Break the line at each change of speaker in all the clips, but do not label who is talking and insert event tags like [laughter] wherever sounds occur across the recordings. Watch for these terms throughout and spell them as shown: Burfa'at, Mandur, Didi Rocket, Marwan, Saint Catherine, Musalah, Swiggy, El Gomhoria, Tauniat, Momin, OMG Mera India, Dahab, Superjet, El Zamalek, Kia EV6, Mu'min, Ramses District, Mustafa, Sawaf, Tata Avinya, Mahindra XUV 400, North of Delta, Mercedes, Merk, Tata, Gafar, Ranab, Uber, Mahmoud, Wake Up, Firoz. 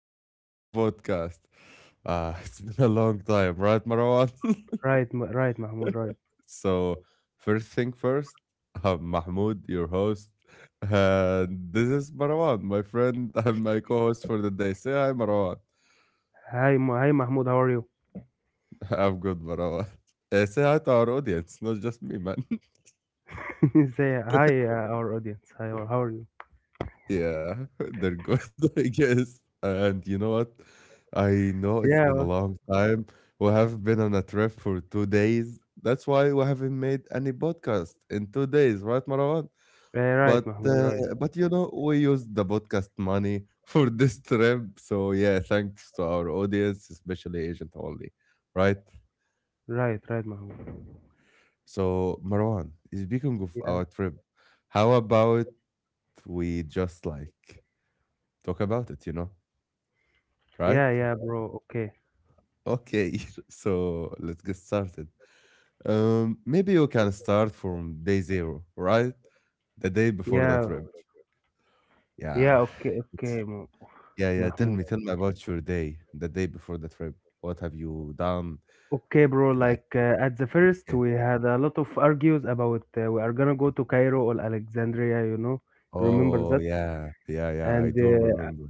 back to our podcast. [laughs] It's been a long time, right, Marwan?
Right, Mahmoud,
[laughs]
right.
So, first thing first, [laughs] I'm Mahmoud, your host, and this is Marwan, my friend [laughs] and my co host for the day. Say hi, Marwan.
Hi, Mahmoud. How are you?
[laughs] I'm good, Marwan. Say hi to our audience, not just me, man.
[laughs] Say hi, our audience. Hi, or how are you?
Yeah, [laughs] they're good, [laughs] I guess. And you know what? I know
Yeah,
it's
well,
been a long time. We have not been on a trip for 2 days. That's why we haven't made any podcast in 2 days, right, Marwan?
right,
But
Mahmoud. Right,
uh, but you know, we used the podcast money [laughs] for this trip. So yeah, thanks to our audience, especially Agent Only, right?
right, Mahmoud.
So Marwan, speaking of
Yeah,
our trip, how about we just like talk about it, right?
yeah, bro. Okay.
Okay,
So,
[laughs] so let's get started. Maybe you can start from day zero, right? The day before the
yeah,
trip.
yeah.
Yeah,
Okay,
[sighs] it's,
okay, Mo-
yeah, yeah. Tell
Mahmoud.
me, tell me about your day, the day before the trip. What have you done?
Okay, bro.
Like,
At the first,
okay.
we had a lot of argues about we are gonna go to Cairo or Alexandria. You know, remember
Oh,
that?
yeah, yeah, yeah.
And
I do remember.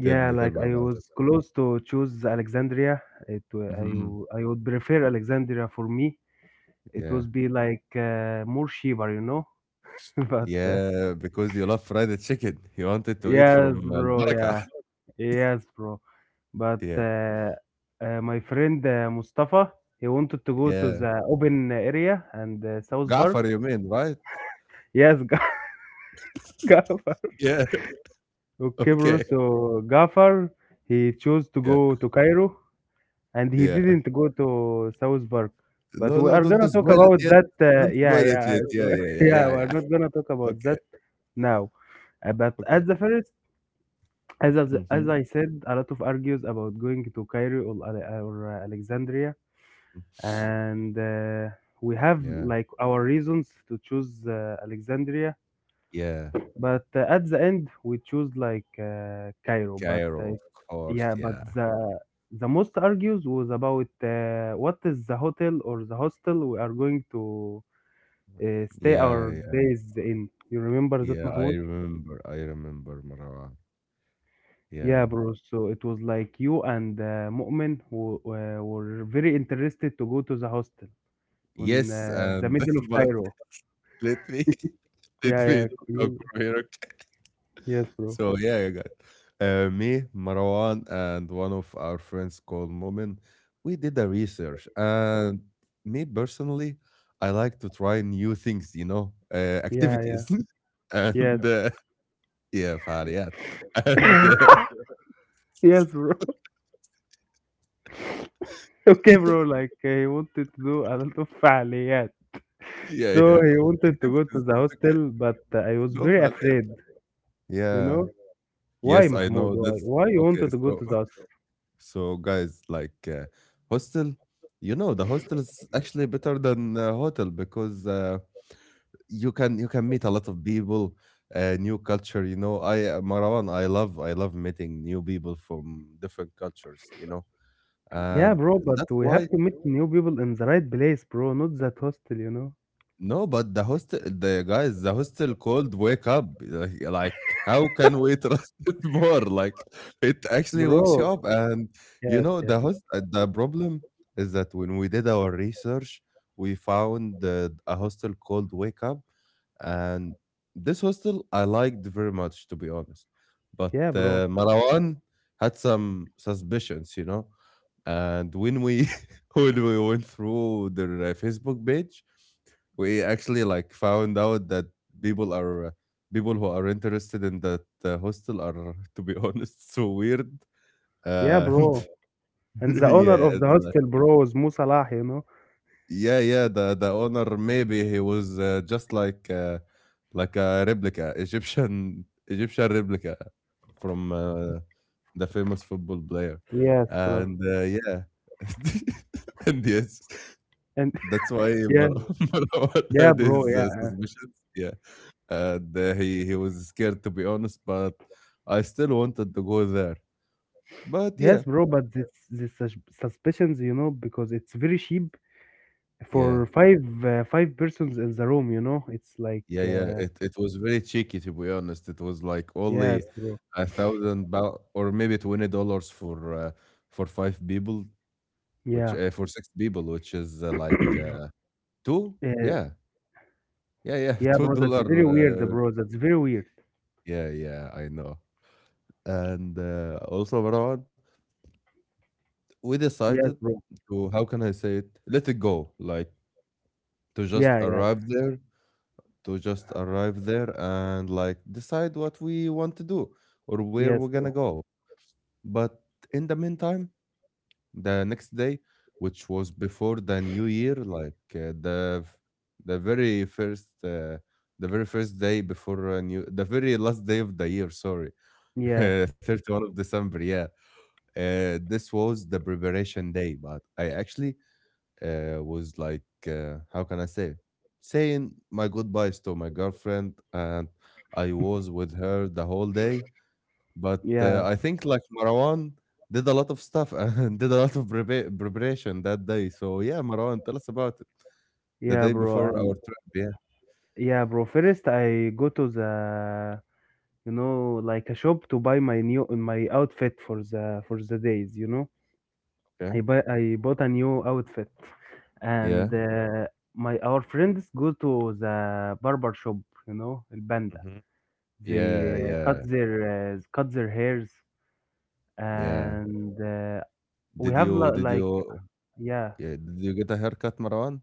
Tell me, tell
like
me
I
about it.
was close to choose Alexandria. It wa- I
hmm
w- I would prefer Alexandria for me. It
Yeah,
would be like more cheaper, you know. [laughs] But
yeah. Because you love fried chicken, [laughs] you wanted to eat
yes,
from Al
bro.
Baraka.
Yeah,
[laughs]
yes, bro. But
Yeah,
my friend Mustafa, he wanted to go to
yeah.
the open area and South Park.
Gafar, you mean, right?
Yes, [laughs] Gafar.
Yeah. [laughs]
Okay, bro.
Okay.
So Gafar, he chose to
Yeah.
go to Cairo and he
Yeah.
didn't go to South Park. But
No,
we
no,
are
don't
gonna talk
spoil it
about
yet.
that.
Don't
Yeah,
spoil it
yeah,
yet. Yeah, yeah, yeah,
[laughs] yeah.
yeah,
We are
yeah.
not gonna talk
[laughs]
about
Okay,
that now. But
okay.
at the first, as as
Mhm.
as I said, a lot of argues about going to Cairo or Alexandria,
Mm.
and we have
Yeah,
like our reasons to choose Alexandria.
yeah.
But At the end, we choose like Cairo. But
Cairo, of course.
Yeah,
Yeah,
but the most argues was about what is the hotel or the hostel we are going to stay
yeah,
our
yeah,
days in. You remember that,
yeah. I
Mahmoud?
remember. I remember Marwan.
Yeah,
Yeah.
bro. So it was like you and Mu'min who, were very interested to go to the hostel in
Yes,
the
and
middle of
[laughs] but
Cairo.
let me [laughs]
Yeah,
let me
yeah,
talk
you-
from here.
yes, bro.
So yeah, you got me, Marwan, and one of our friends called Momin. We did a research, and me personally, I like to try new things,
Yeah, yeah,
activities, [laughs]
yes,
and yeah, فعاليات, and
yes, bro. Okay, bro,
[laughs]
he wanted to do a lot of فعاليات.
yeah,
So
yeah,
he wanted to go to
activities.
the
It's okay.
hostel, but I was
No
very
فعاليات.
afraid, you
Yeah.
know? Why,
Yes, I
Mahmoud?
know.
Why?
That's
Why you
okay.
wanted to go
So,
to the hostel?
[laughs] so guys, like hostel, you know, the hostel is actually better than hotel because. You can meet a lot of people, new culture, you know, I, Marwan, I love meeting new people from different cultures, you know,
Yeah,
and
bro, but
that's
we
why.
have to meet new people in the right place, bro, not that hostel, you know?
No, but the host, the guys, the hostel called "Wake Up." Like, how can we trust [laughs] it more? Like, it actually wakes you
Bro,
up, and you
yes,
know
yes.
the host. The problem is that when we did our research, we found a hostel called "Wake Up," and this hostel I liked very much, to be honest. But
Yeah, bro.
Marwan had some suspicions, you know. And when we [laughs] when we went through their Facebook page, we actually like found out that people are uh, people who are interested in that hostel are, to be [laughs] honest, so weird.
Yeah, bro.
And
And
[laughs]
the owner
yeah
of
and,
the
like,
hostel, bro, is Musalah, you know?
yeah, yeah, the owner, maybe he was just like a replica egyptian [laughs] egyptian replica from the famous football player,
Yes, bro.
and yeah, [laughs] and yes,
And
that's why
[laughs] yeah,
Mar- [laughs] Marwan
yeah,
had his
bro, yeah.
suspicions, yeah. And he was scared, to be honest, but I still wanted to go there. But yeah,
Yes, bro, but this suspicions, you know, because it's very cheap
yeah,
for five persons in the room, you know, it's like
yeah, yeah. It was very cheeky, to be honest. It was like only
yes, bro,
1,000 pound or maybe $20 for five people, which
yeah,
for six people, which is like two,
uh,
yeah, yeah, yeah, [laughs]
yeah,
two
bro, that's
dollar.
very weird,
Uh,
bro, that's very weird.
yeah, yeah, I know. And also, Marwan, we decided
Yes, bro.
to, how can I say it, let it go, like to just
Yeah, yeah,
arrive there to just arrive there and like decide what we want to do or where we're
yes,
gonna
bro.
go. But in the meantime, the next day, which was before the new year, the very first uh, the very first day before new the very last day of the year, sorry, [laughs]
Yeah,
31 of December. Yeah, this was the preparation day, but I actually was like, how can I say, saying my goodbyes to my girlfriend, and I was with her the whole day. But
yeah,
I think like Marwan did a lot of stuff [laughs] and did a lot of preparation that day. So yeah, Marwan, tell us about it. The
yeah,
day
bro.
before
And
our trip. Yeah.
yeah, bro, first I go to the, you know, like a shop to buy my outfit for the days, you know.
Okay.
I bought a new outfit and
Yeah.
my our friends go to the barber shop, you know, el.
hmm
They
Yeah. Yeah.
cut their hairs,
Yeah.
and we
Did
have
you?
li-
Did you?
like yeah.
Yeah. Did you get a haircut, Marwan?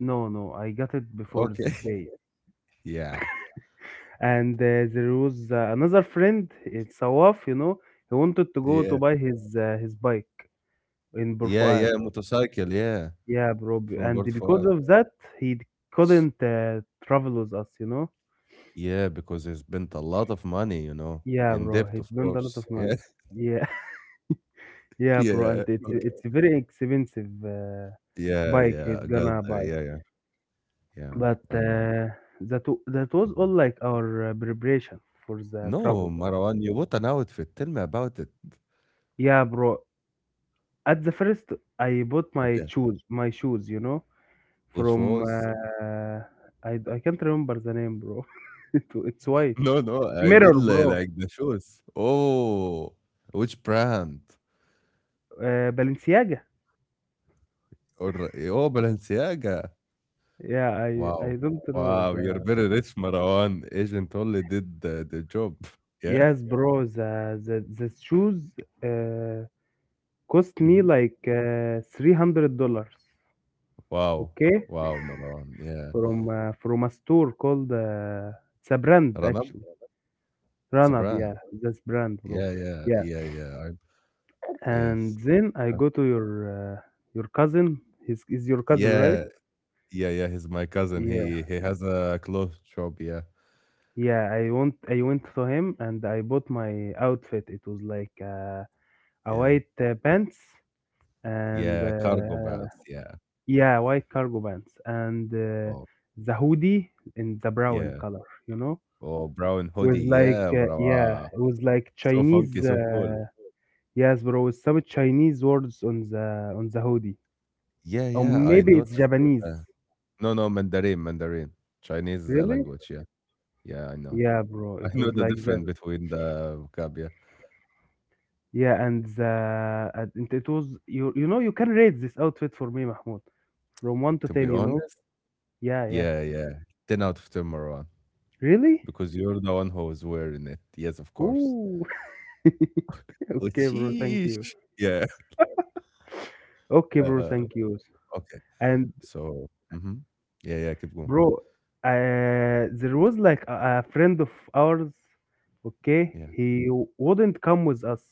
No, no, I got it before
Okay.
this
[laughs]
day.
yeah.
And there was another friend, it's Sawaf, you know, he wanted to go to
Yeah.
buy his bike in Bur.
Yeah. Yeah. Motorcycle. Yeah.
Yeah, bro.
From
And
Port
because
Fahd.
of that, he couldn't travel with us, you know?
Yeah, because they spent a lot of money, you know,
Yeah,
in
bro.
debt,
He
of
spent a lot of
course.
money.
Yeah,
Yeah, [laughs] yeah,
[laughs]
bro. And
yeah,
it's
okay.
it's a very expensive
Yeah,
bike
yeah,
he's
I got
gonna
there.
buy.
Yeah, yeah, yeah,
But
I know.
that that was
Mhm.
all like our preparation for the
No, [laughs]
travel.
Marwan, you bought an outfit. Tell me about it.
Yeah, bro. At the first, I bought my
Okay,
shoes, my shoes, you know,
which
from
was?
I can't remember the name, bro. [laughs] It, it's
[laughs]
white
No, no, I
mirror,
mean
bro.
like the shoes. Oh, which brand?
Balenciaga.
Or oh, Balenciaga.
Yeah, I
Wow,
don't know
wow, you're
the.
very rich, Marwan. Agent only did the job. [laughs] Yeah.
Yes, bro. The shoes uh, cost me
Mhm.
like $300.
Wow,
Okay.
wow, Marwan. Yeah.
From from a store called it's a brand actually,
It's a
Ranab,
brand.
yeah, that's brand, bro,
Yeah, yeah,
yeah.
yeah, yeah. I
And
yes.
then I
Okay.
go to uh, your cousin, his is your cousin, right?
Yeah, yeah, yeah. He's my cousin.
Yeah,
He has a clothes shop. Yeah,
yeah, I went to him and I bought my outfit. It was like a
yeah,
white pants and
yeah. Cargo vans. Yeah.
yeah, white cargo pants and
Oh,
the hoodie in the brown
yeah.
color, you know.
Oh, brown
Was
hoodie.
like
Yeah, bro.
yeah,
Ah,
it was like
so funky,
Chinese.
so cool.
Yes, bro, with some Chinese words on the hoodie.
Yeah,
Or
yeah. I
maybe it's
noticed it.
Japanese.
No, no, Mandarin, Mandarin, Chinese
Really?
language. Yeah, yeah. I know.
Yeah, bro,
[laughs] I
it
know
was
the
like that.
difference between the vocab. Yeah.
Yeah, and the and it was, you know, you can rate this outfit for me, Mahmoud. From one to
To be
ten, you know?
honest.
Yeah, yeah.
Yeah, yeah. Ten out of ten, Marwan.
Really?
Because you're the one who was wearing it. Yes, of course.
Ooh. [laughs]
Which
Okay, bro, thank you.
sheesh. Yeah. [laughs]
Okay, bro,
Uh,
thank you.
okay.
And
So, yeah, yeah, keep going.
bro, there was like a friend of ours, okay?
Yeah,
He wouldn't come with us.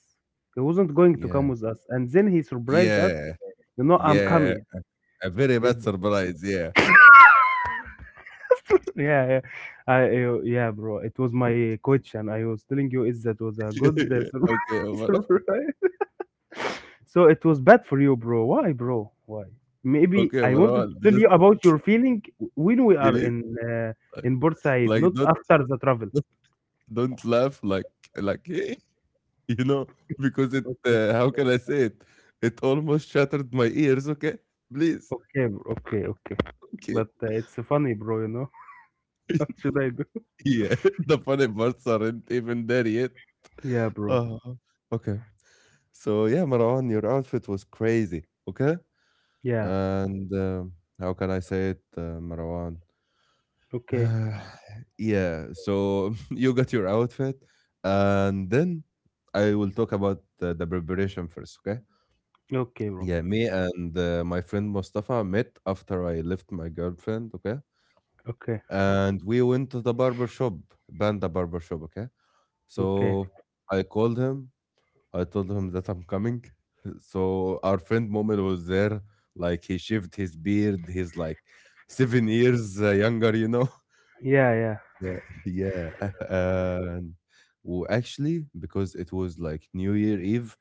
He wasn't going to come
yeah,
with us. And then he surprised us.
yeah,
You know, I'm
yeah.
coming.
A very
Is
bad surprise. Yeah.
[laughs] yeah, yeah, I, yeah, bro. It was my coach, and I was telling you, is that was a good
[laughs] Yeah. Okay,
[laughs]
Omar.
surprise. So it was bad for you, bro. Why, bro? Why? Maybe
Okay,
I wanted
Omar.
to tell
Just
you about your feeling when we are
believe,
uh,
like,
in Bursaid,
like
not after the travel.
don't don't laugh like [laughs] you know because it.
Okay.
How can I say it? It almost shattered my ears. Okay, please.
Okay, bro. Okay, okay.
Okay.
But it's funny, bro, you know? [laughs] What
[laughs]
should I do?
Yeah, [laughs] the funny parts aren't even there yet.
Yeah, bro.
uh Okay. So yeah, Marwan, your outfit was crazy. Okay.
Yeah.
And how can I say it, Marwan?
Okay.
[sighs] yeah. So [laughs] you got your outfit, and then I will talk about the preparation first. Okay.
Okay, bro.
Yeah, me and my friend Mustafa met after I left my girlfriend. Okay.
Okay.
And we went to the barber shop, Banda barber shop. Okay.
Okay.
So I called him, I told him that I'm coming. [laughs] So our friend Momin was there. Like he shaved his beard. He's like 7 years younger.
Yeah, yeah.
[laughs] Yeah, yeah. [laughs] And actually, because it was like New Year Eve,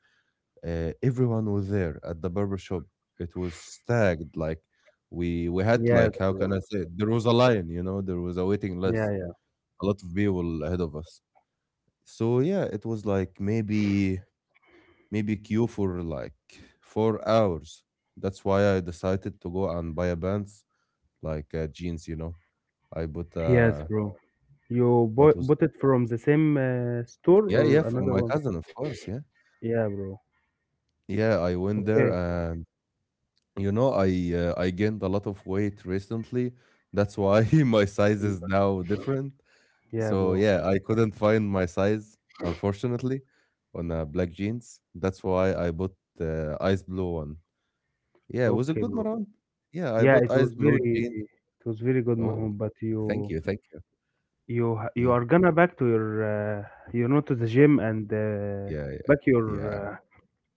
everyone was there at the barber shop. It was stacked. Like we had,
Yes,
like, how can
bro.
I say it? There was a line, you know. There was a waiting
Yeah,
list.
yeah.
A lot of people ahead of us. So yeah, it was like maybe queue for like 4 hours. That's why I decided to go and buy a pants, like jeans, you know. I bought
Yes, bro. You
what
bought
was,
bought it from the same store
yeah,
or
yeah, from
another
my
one?
cousin, of course, yeah.
Yeah, bro.
Yeah, I went
Okay.
there, and you know, I gained a lot of weight recently. That's why [laughs] my size is now different.
Yeah,
So
bro.
yeah, I couldn't find my size, unfortunately, on black jeans. That's why I bought the ice blue one. Yeah, was it
Okay,
good,
bro.
Marwan? Yeah, I
Yeah,
bought
it was
ice blue
very,
jeans.
it was very good,
Oh,
Mahmoud, but
thank
you,
you, thank you.
you
Yeah,
are gonna back to your you know, to the gym and
yeah, yeah,
back
yeah.
your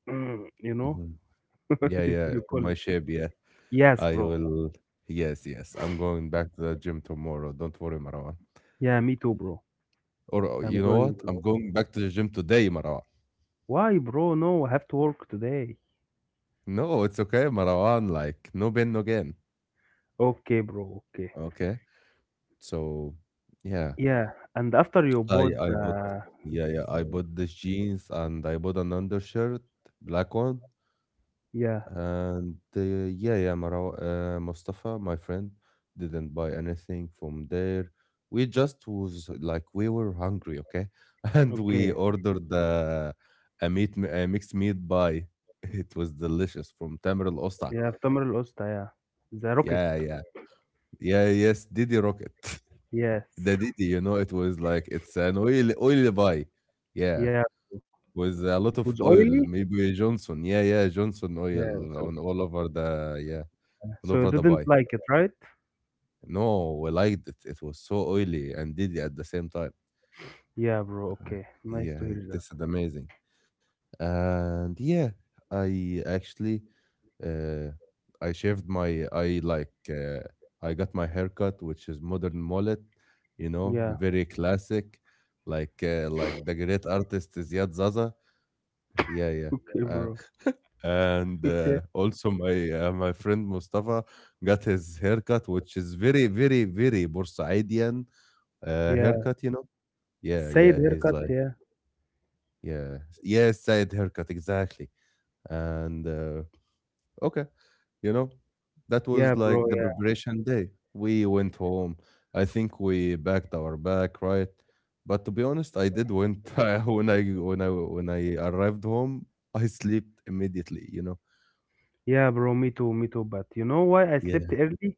uh, [clears throat] you know
Mhm.
[laughs]
Yeah,
you
yeah,
you
to
call it.
my shape, yeah.
Yes,
I
bro.
will. Yes, yes. I'm going back to the gym tomorrow. Don't worry, Marwan.
Yeah, me too, bro.
Or
I'm
you know
going
what?
to.
I'm going back to the gym today, Marwan.
Why, bro? No, I have to work today.
No, it's okay, Marwan. Like no pain, no gain.
Okay, bro. Okay.
Okay. So, yeah,
Yeah, and after you
I
bought
I bought,
the,
yeah, yeah, I bought these jeans, and I bought an undershirt, black one.
yeah,
And yeah, yeah, Mustafa, my friend, didn't buy anything from there. We just was like we were hungry, okay, [laughs] and we
okay,
ordered a mixed meat pie. [laughs] It was delicious from Tamer Al Osta.
yeah, في تمر القسطة, yeah, the
Yeah,
rocket,
yeah, yeah, yes, Didi Rocket, [laughs]
yes,
the Didi. You know, it was like it's an oily pie. Yeah,
[laughs] yeah,
with a lot
it
of
was
oil,
oily,
maybe Johnson. Yeah, yeah, Johnson
yeah,
oil
so
on all over the, yeah, all
so you
over the
didn't
pie.
like it, right?
No, well, I liked it. It was so oily and dizzy at the same time.
Yeah, bro.
Uh,
Okay, nice to
Yeah,
hear that.
this is amazing. And yeah, I actually uh I shaved my I I got my haircut, which is modern mullet, you know,
Yeah,
very classic, like the great artist Ziad Zaza. Yeah,
[laughs]
yeah.
okay,
Uh,
bro.
and also my friend Mustafa got his haircut, which is very, very, very Borsaidian.
Yeah,
Haircut, you know? Yeah,
Said
yeah. He's
haircut,
like,
yeah,
yeah, yes, Said haircut, exactly. And okay, you know, that
yeah,
was
bro.
like the
Yeah,
preparation day. We went home. I think we backed our back, right? But to be honest, I did went [laughs] when I arrived home, I slept immediately, you know?
yeah, bro. Me too, me too. But you know why I slept
Yeah.
early?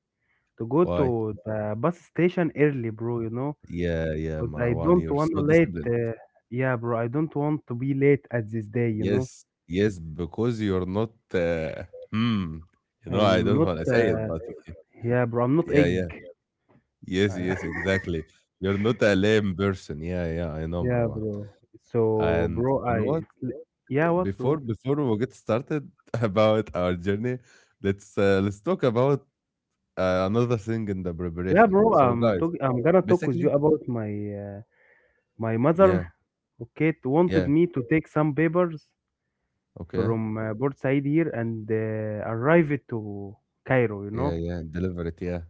To go
Why?
to the bus station early, bro, you know,
Yeah, yeah,
because I
Marwan,
don't
you're
want to
so
late.
disciplined.
Yeah, bro, I don't want to be late at this day, you know.
Yes, yes, because you're not. Hmm. You know, I
I'm
don't
not,
want to say it, but
yeah, bro, I'm not
yeah, yeah.
egg.
Yes,
Uh,
yes, exactly. You're not a lame person. Yeah, yeah, I
[laughs]
know,
yeah,
Marwan.
bro. So,
And
bro,
you know
I,
what?
yeah, what,
Before
bro?
before we get started [laughs] about our journey, let's talk about another thing in the
Yeah,
preparation.
bro,
So, guys,
I'm gonna talk with
basically,
you about my, uh, my mother.
yeah,
Okay, wanted
yeah,
me to take some papers
okay,
from Port Said here and arrive it to Cairo, you
yeah,
know.
yeah, deliver it, yeah,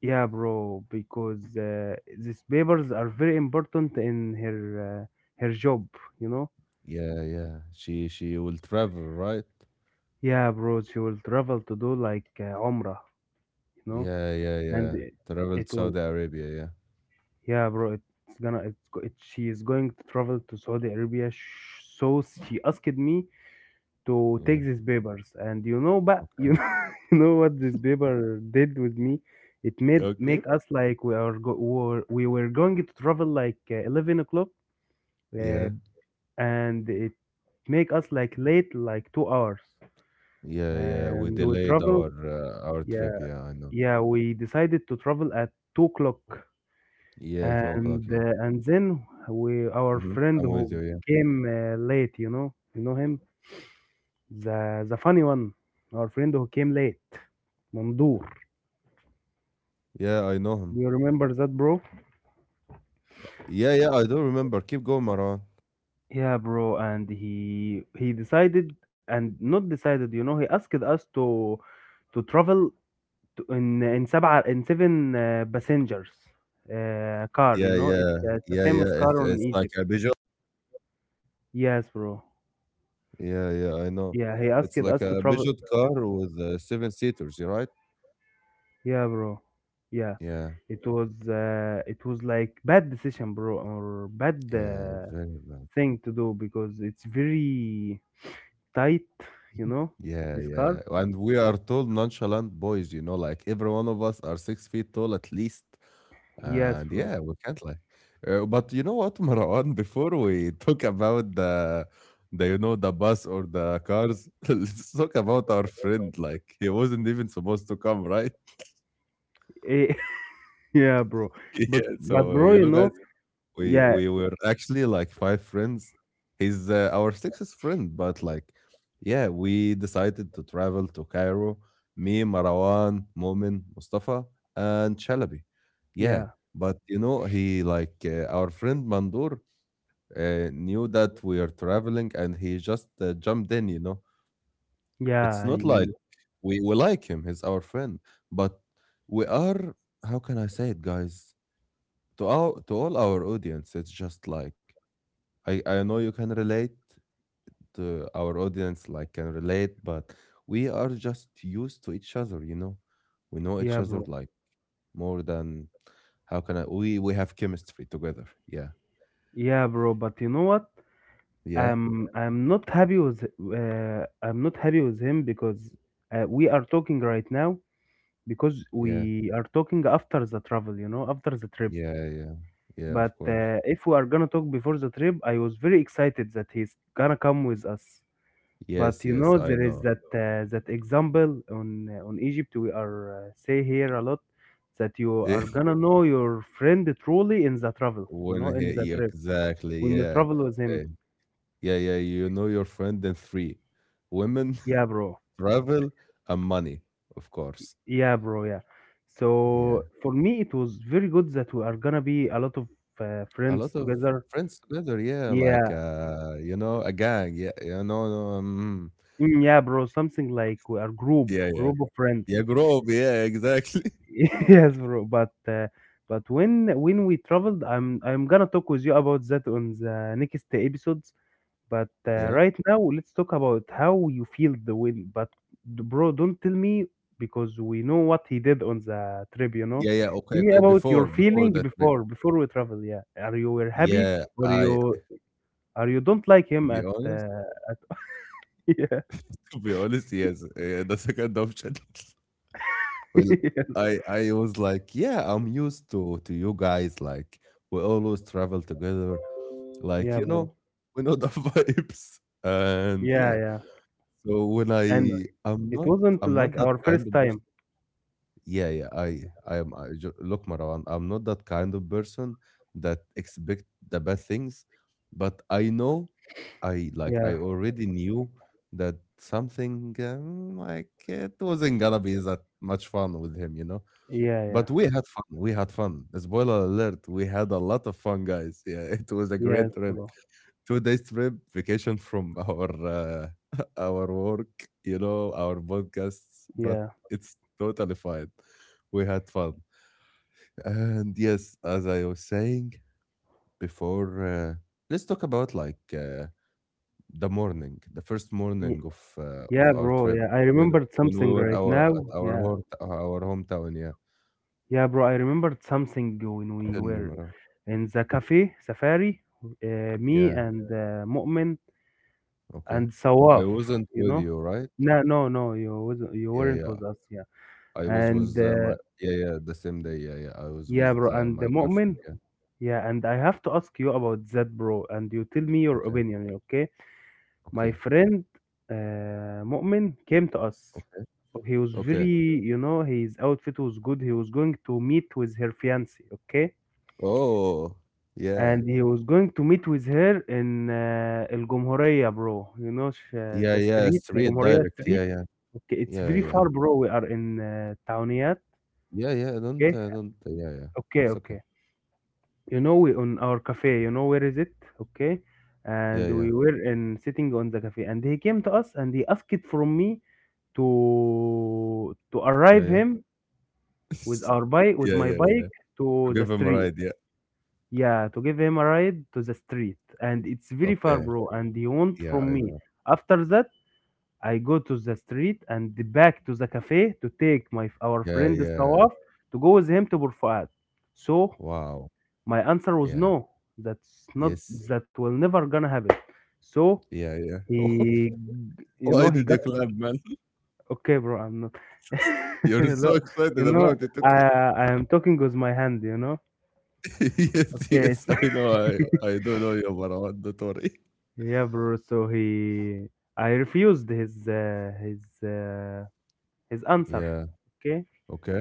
Yeah, bro, because these papers are very important in her her job, you know.
yeah, yeah. She will travel, right?
Yeah, bro, she will travel to do like Umrah, you know,
Yeah, yeah, yeah.
and it,
Travel to
it will.
Saudi Arabia, yeah,
Yeah, bro, it's gonna. She is going to travel to Saudi Arabia, so she asked me to take
yeah.
these papers, and you know, but [laughs]
Okay,
you know what this paper did with me. It made
okay,
make us like we are go- we were going to travel like 11 o'clock, uh,
yeah.
and it make us like late like 2 hours.
Yeah, yeah. We
And
delayed our
yeah
trip. Yeah, I know.
yeah we decided to travel at 2 o'clock.
Yeah, 2 o'clock.
And
Yeah.
and then we, our
Mm-hmm.
friend
I'm with
who
you. Yeah.
came late, you know, you know him, the funny one, our friend who came late, Mandur.
Yeah, I know him.
You remember that, bro?
Yeah, yeah. I do remember. Keep going, Maran.
Yeah, bro. And he decided and not decided. You know, he asked us to travel to- in seven passengers car. You
Yeah,
know,
yeah,
it's a
yeah,
famous
yeah. It's
car on
it's like
Egypt.
a Peugeot.
Yes, bro.
Yeah, yeah. I know.
Yeah, he
It's
asked
like
us
a
to travel.
Peugeot car with seven seaters. You're right.
Yeah, bro. Yeah,
Yeah,
it was like bad decision, bro, or bad
yeah. Very bad.
thing to do because it's very tight. You know,
Yeah,
this car.
yeah. And we are tall, nonchalant boys. You know, like every one of us are 6 feet tall at least.
Yes,
And
bro.
yeah, we can't lie. But you know what, [laughs] Marwan, before we talk about the you know the bus or the cars, [laughs] let's talk about our friend. Like he wasn't even supposed to come, right?
Eh, [laughs] yeah, bro.
[laughs] Yeah.
But
So
bro,
you
you
know, guys,
know,
we
yeah,
we were actually like five friends. He's our sixth friend, but like, yeah, we decided to travel to Cairo. Me, Marwan, Momin, Mustafa, and Chalabi. Yeah,
yeah,
but you know, he like our friend Mandur, knew that we are traveling and he just jumped in. It's
yeah,
not like
y-
we like him, he's our friend, but we are, how can I say it, guys? To all our audience, it's just like, I know you can relate to our audience, like, can relate, but we are just used to each other. We know each
yeah,
other
bro.
like more than, how can I, we have chemistry together. Yeah.
Yeah, bro. But you know what?
Yeah.
I'm not happy with him because we are talking right now because
Yeah.
we are talking after the travel, you know, after the trip.
Yeah. Yeah. Yeah.
But
Of course.
If we are gonna talk before the trip, I was very excited that he's gonna come with us. But
Yes,
you know,
yes, I
there is
know.
that that example on Egypt we are say here a lot that you
Yeah,
are
[laughs]
gonna know your friend truly in the travel, you know,
when
in
he
the
yeah,
trip
exactly,
when you
yeah,
travel with him.
Eh, yeah, yeah. You know your friend and three women,
Yeah, bro.
[laughs] travel, and money, of course.
Yeah, bro, yeah.
Yeah,
So for me, it was very good that we are gonna be a lot of
a lot
friends
of
together.
friends together. Yeah, like
Yeah,
a gang. Yeah, no,
yeah, bro. Something like we are
yeah, yeah,
group of
yeah.
friends.
Group. Yeah, exactly.
[laughs]
[laughs]
Yes, bro. But when we traveled, I'm gonna talk with you about that on the next episodes. But
yeah,
Right now, let's talk about how you feel the win. But bro, don't tell me because we know what he did on the trip. You know,
yeah, yeah. Okay,
tell me
okay.
about
Before,
your
before
feeling
that trip.
before we travel. Yeah, are you were happy
Yeah,
or
I.
you are you don't like
To
him
be
at
honest,
uh, at [laughs] yeah
[laughs] to be honest, yes, the second option. [laughs] Well,
[laughs]
I was like, yeah, I'm used to you guys. Like we always travel together. Like
yeah,
you
bro,
know, [laughs] we know the [laughs] vibes. And
yeah,
yeah,
yeah,
so when
and
I
it wasn't
I'm
like
not that
our first
kind of person.
time.
Yeah, yeah. I am. Look, Marwan. I'm not that kind of person that expect the bad things, but I know I like
Yeah.
I already knew that something like it wasn't gonna be that much fun with him.
Yeah, yeah.
But we had fun. We had fun. Spoiler alert, we had a lot of fun, guys. Yeah, [laughs] it was a
Yes,
great trip.
bro.
2 days trip, vacation from our [laughs] our work, our podcasts, but
Yeah.
it's totally fine. We had fun. And yes, as I was saying before, let's talk about like the morning, the first
Y-
morning of
Yeah,
our
bro.
trip
Yeah, I
when
remembered
when we
something
were
right
our
now.
at our
Yeah.
home our hometown, yeah.
Yeah, bro. I remembered something when we
Tell me,
were
Mara.
in the cafe, safari, me
Yeah.
and Mu'min
Okay.
and Sawaf,
I wasn't
you
with
know?
you, right?
No, no, no. You wasn't, you
Yeah,
weren't
yeah.
with us. Yeah.
I was
And
with
uh,
my yeah, yeah, the same day. Yeah, yeah. I was
yeah,
with
bro. And the
my
Mu'min.
girlfriend. Yeah.
Yeah, and I have to ask you about that, bro. And you tell me your
Okay.
opinion, okay? My
Okay.
friend Mu'min came to us.
Okay.
He was
Okay.
very, his outfit was good. He was going to meet with her fiance, okay?
Oh, yeah.
And he was going to meet with her in El Gomhoria, bro. You know, the
Yeah, yeah.
street, El
Straight
Gomhoria
direct. Yeah,
street.
yeah.
Okay, it's
Yeah,
very
yeah.
far, bro. We are in Tauniat.
Yeah, yeah. Don't,
Okay,
uh, don't. Yeah, yeah.
okay,
It's okay.
okay. You know, we on our cafe. You know where is it? Okay, and
Yeah, yeah.
we were in sitting on the cafe, and he came to us and he asked it from me to
Yeah,
arrive
yeah.
him with
[laughs]
our bike with
yeah,
my
yeah,
bike
yeah.
to
To
the
give him a
street,
ride. Yeah.
yeah, to give him a ride to the street, and it's very far,
Okay.
bro, and he want
Yeah,
from
I
me,
know.
after that, I go to the street and back to the cafe to take my our
Yeah,
friend
yeah.
Sawaf to go with him to Burfa'at, so
Wow.
my answer was
Yeah.
no. That's not,
Yes.
that will never gonna happen. So
Yeah, yeah. [laughs]
he, you know,
Why
he
did
got.
you clap, man?
Okay, bro, I'm not. [laughs]
You're so
Look,
excited
you know,
about it,
I
okay?
I am talking with my hand, you know.
[laughs] Yes,
Okay,
yes, I know. I
[laughs]
I do not know you, Marwan. Don't worry. [laughs]
yeah, bro. So he, I refused his his answer.
Yeah,
Okay,
okay.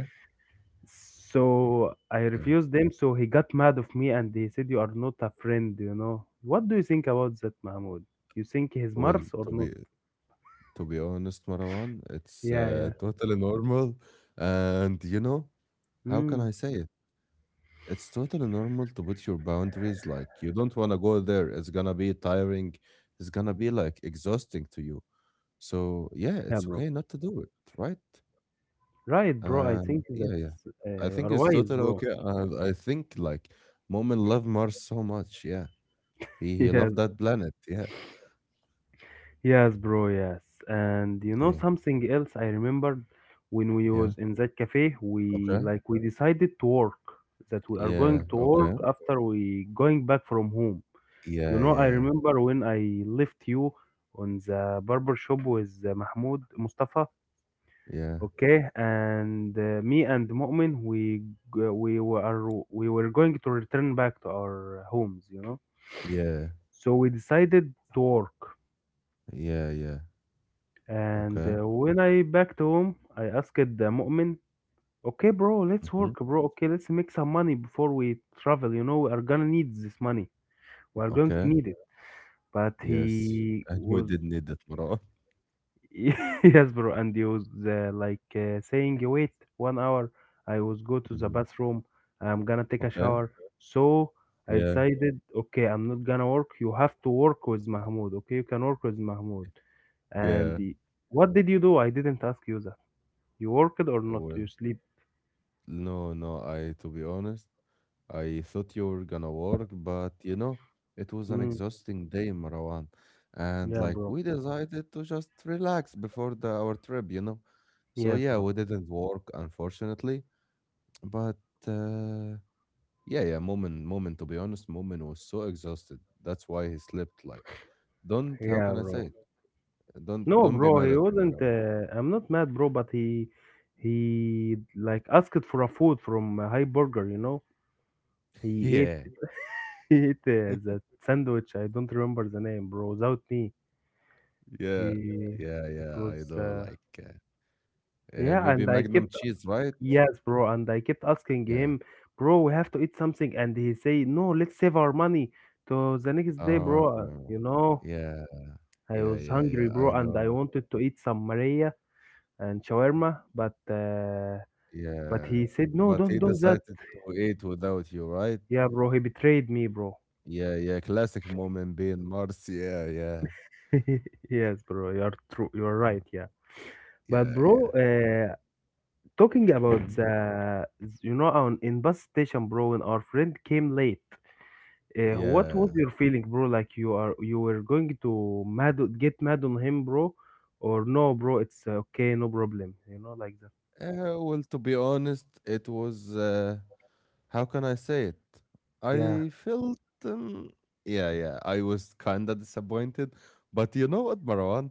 so I
Yeah.
refused him. So he got mad of me, and he said, "You are not a friend, you know." What do you think about that, Mahmoud? You think he's
Well,
Mars
to
or
be
not?
to be honest, Marwan, it's
Yeah, yeah.
totally normal. And you know, how can
Mm,
I say it? It's totally normal to put your boundaries. Like you don't want to go there. It's gonna be tiring. It's gonna be like exhausting to you. So yeah,
yeah,
it's
bro.
okay not to do it, right?
Right, bro. I
And
think
yeah, yeah.
that's
I
you
think
are
it's
wise,
totally
bro.
okay. And I think like Moment loved Mars so much. Yeah. He
[laughs]
he
Yeah,
loved that planet. Yeah.
yes, bro, yes. And you know
Yeah.
something else I remembered when we
Yeah.
was in that cafe, we
Okay.
like we decided to work, that we are going
Yeah.
to work
Okay.
after we going back from home. You
Yeah.
know, I
Yeah.
remember when I left you on the barber shop with Mahmoud Mustafa,
Yeah.
okay? And me and Mu'min, we were going to return back to our homes, you know?
Yeah.
So we decided to work.
Yeah. Yeah.
And
Okay.
uh, when I back to home, I asked the Mu'min, okay, bro, let's
Hmm.
work, bro. Okay, let's make some money before we travel. You know, we are gonna need this money. We are going to
Okay.
need it. But
Yes. [laughs]
he
And we
was,
did need that, Marwan.
[laughs] yes, bro. And he was like saying, wait, one hour. I was go to the
Hmm.
bathroom. I'm gonna take a
Okay.
shower. So I
Yeah.
decided, okay, I'm not gonna work. You have to work with Mahmoud. Okay, you can work with Mahmoud. And
Yeah.
what did you do? I didn't ask you. You worked or not? You
Well,
sleep?
no, no. I, to be honest, I thought you were gonna work, but it was an
Mm,
exhausting day, Marwan. And
yeah,
like
bro.
we decided to just relax before the our trip. So
Yes,
yeah,
bro.
we didn't work, unfortunately. But uh yeah, yeah, Moment, to be honest, Moment was so exhausted. That's why he slept like don't how can
Yeah,
I say
bro.
it? Don't
No,
don't be
bro.
mad
He
at him,
wasn't.
Marwan.
I'm not mad, bro. But he like asked for a food from a high burger. You know,
[laughs]
he ate.
Yeah.
[laughs] He ate that sandwich. I don't remember the name, bro. Without me,
Yeah.
he.
Yeah,
It
yeah,
was.
I know like
Yeah,
maybe
and I
Magnum
kept.
cheese, right?
Yes, bro. And I kept asking
Yeah.
him, bro. We have to eat something, and he say, no. Let's save our money to the next day, bro.
Oh,
You know.
yeah,
I
yeah,
was
yeah,
hungry,
yeah.
bro,
I
and I
know.
wanted to eat some Maria and shawarma, but
Yeah,
he said, "No,
but
don't
he
do that."
decided to eat without you, right?
Yeah, bro, he betrayed me, bro.
Yeah, yeah. Classic mom and bean Mars. Yeah, yeah,
[laughs] Yes, bro, you are true. You are right.
uh,
Yeah, but
yeah,
bro,
yeah.
talking about
Hmm.
on in bus station, bro, when our friend came late, what was
Yeah.
your feeling, bro? Like you were going to mad get mad on him, bro, or no, bro? It's okay, no problem. You know, like that.
Well, to be honest, it was. How can I say it?
Yeah,
I felt. Um, yeah, yeah. I was kind of disappointed, but you know what, Marwan?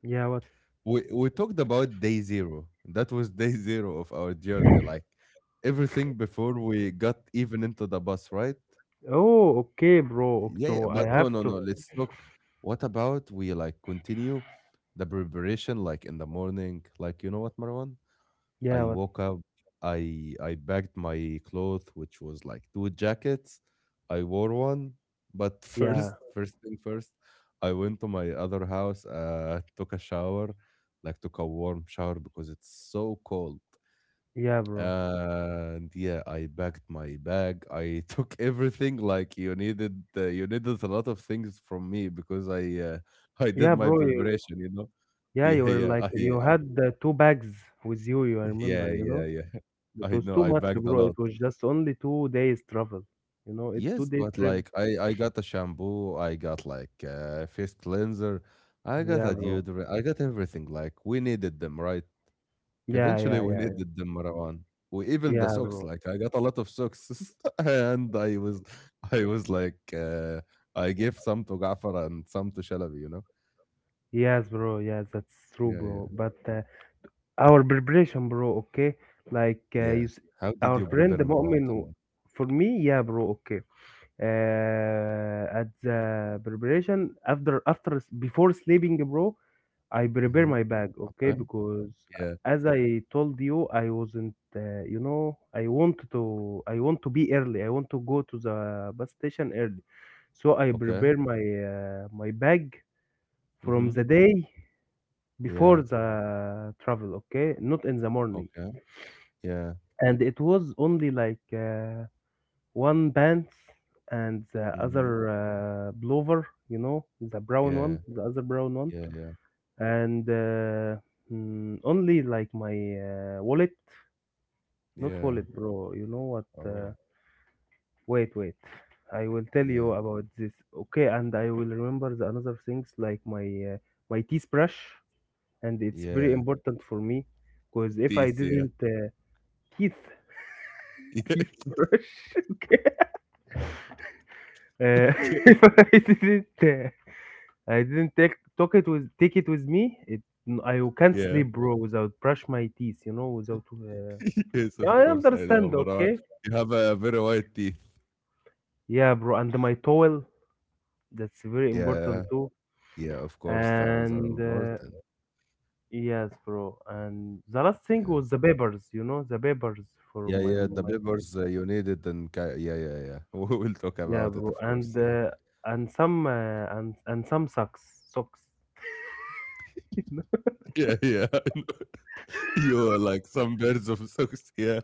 yeah. What?
We talked about day zero. That was day zero of our journey. Like everything before we got even into the bus, right?
Oh, okay, bro.
Yeah, yeah.
So I
But no,
have
no,
to.
no. Let's talk. What about we like continue the preparation like in the morning? Like you know what, Marwan?
Yeah,
I
what?
woke up, I bagged my clothes, which was like two jackets. I wore one, but [laughs]
Yeah,
first thing first, I went to my other house, took a shower, like took a warm shower because it's so cold.
yeah, bro.
And yeah, I packed my bag. I [laughs] took everything like you needed. You needed a lot of things from me because I [laughs] I
Yeah,
did my
bro. You,
preparation. You know, [laughs]
yeah, you
yeah,
were
yeah. I
like you
uh,
had the two bags with you. I remember,
yeah,
you
yeah,
know,
yeah. [laughs]
it
I
was
know
too
I
much,
bagged a
bro. It
lot.
was just only 2 days travel. You know, it two
Yes,
days
but
trip.
like I got a shampoo, I got like a face cleanser, I got
Yeah,
a
bro.
deodorant, I got everything. Like we needed them, right?
Yeah,
Eventually
yeah,
we [laughs]
yeah,
needed them, Marwan. We even the
yeah,
socks,
bro.
like I got a lot of socks. [laughs] and I was like I gave some to Gafar and some to Shalabi, you know?
Yes, bro. Yes, that's true,
Yeah,
bro.
yeah.
But our preparation, bro. Okay, like you,
Yeah. How did
our
you
friend the
prepare Marwan?
Mu'min.
Tell me.
For me, yeah, bro. Okay, at the preparation before sleeping, bro, I prepare
Hmm.
my bag,
Okay.
okay, because
Yeah.
as I told you, I wasn't you know, I want to be early, I want to go to the bus station early, so I
Okay.
prepare my my bag from
Mm-hmm.
the day before
Yeah.
the travel, okay, not in the morning.
Okay. Yeah.
And it was only like one pants and the
Mhm.
other blower, you know, the brown
Yeah,
one, the other brown one,
yeah, yeah,
and mm, only like my wallet, not
yeah.
wallet, bro. You know what?
Oh,
Wait, wait. I will tell you
yeah,
about this. Okay, and I will remember the another things like my my teeth brush, and it's very
yeah.
important for me, because if I
This, yeah.
didn't teeth
[laughs]
[laughs]
Yeah,
teeth brush, [laughs] okay, uh, [laughs] if I didn't. I didn't take it with me. It I can't
yeah.
sleep, bro, without brush my teeth. You know, without.
[laughs] Yes,
Yeah,
of
I
course, I know,
understand.
Marwan.
Okay.
You have a very white teeth.
Yeah, bro, and my towel. That's very important
Yeah,
too.
yeah, of course, towels are
And
important.
yes, bro. And the last thing
Yeah.
was the papers. You know, the papers for
Yeah,
my
yeah, the
my.
papers you need it and yeah, yeah, yeah. [laughs] We will talk
Yeah,
about it,
bro,
of
and
course. Yeah,
some and some socks.
yeah, yeah. [laughs] I know. You are like some birds of [laughs] socks. Yeah.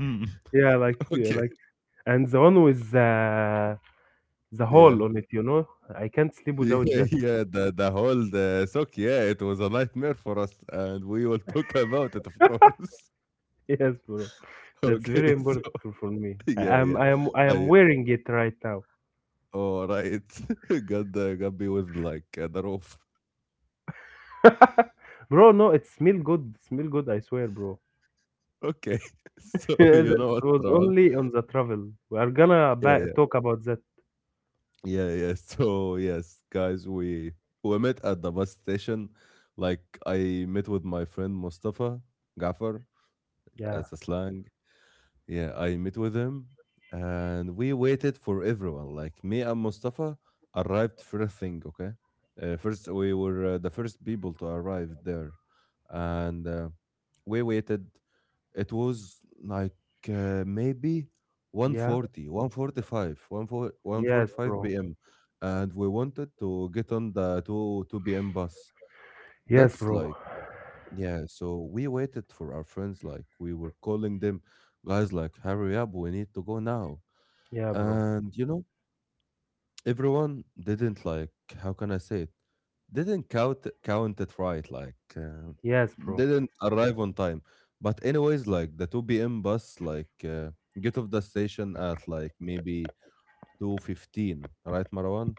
Hmm. [laughs]
Yeah, like, yeah,
Okay.
like, and the one with the
Yeah.
hole on it. You know, I can't sleep without
Yeah,
that.
yeah, the whole the sock, yeah, it was a nightmare for us, and we will talk about it, of course.
[laughs] Yes, bro.
[laughs]
That's
Okay,
very
so
important for me.
[laughs] yeah,
I am
yeah,
I am I am
I
wearing it right now.
all right, [laughs] got me with like the roof.
[laughs] Bro, no, it smell good. Smell good, I swear, bro.
Okay, [laughs] so
[laughs]
you
That
know what,
was
Marwan?
only on the travel. We are gonna
Yeah,
ba
yeah,
talk about that.
yeah, yeah. So yes, guys, we met at the bus station. Like I met with my friend Mustafa Gaffer
Yeah.
as a slang, yeah, I met with him and we waited for everyone. Like me and Mustafa arrived first thing, okay? First, we were the first people to arrive there. And we waited. It was like maybe one
Yeah.
forty, 1:45, one four, one
Yes,
forty-five 1:45,
bro.
p.m. And we wanted to get on the 2, 2 p.m. bus.
Yes,
That's
bro.
like yeah, so we waited for our friends, like we were calling them, guys, like, hurry up, we need to go now.
Yeah, bro.
And you know, everyone didn't like, how can I say it? Didn't count it right, like
Yes, bro.
didn't arrive on time. But anyways, like the 2 p.m. bus, like get off the station at like maybe 2:15, right, Marwan?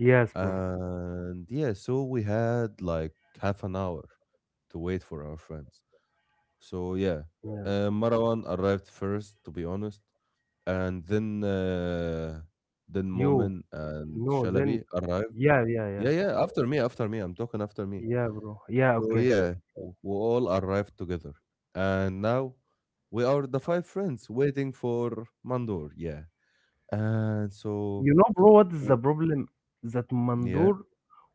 Yes, bro.
And yeah, so we had like half an hour to wait for our friends. So yeah,
Yeah.
Marwan arrived first, to be honest, and then
You.
Momin and
No,
Shalabi
then.
arrived.
Yeah, yeah,
Yeah,
yeah.
yeah, after me, after me. I'm talking after me.
Yeah, bro. Yeah,
So
okay.
yeah, we all arrived together, and now we are the five friends waiting for Mandor. Yeah, and so
You know, bro, what is the
w-
problem? That
yeah,
mandur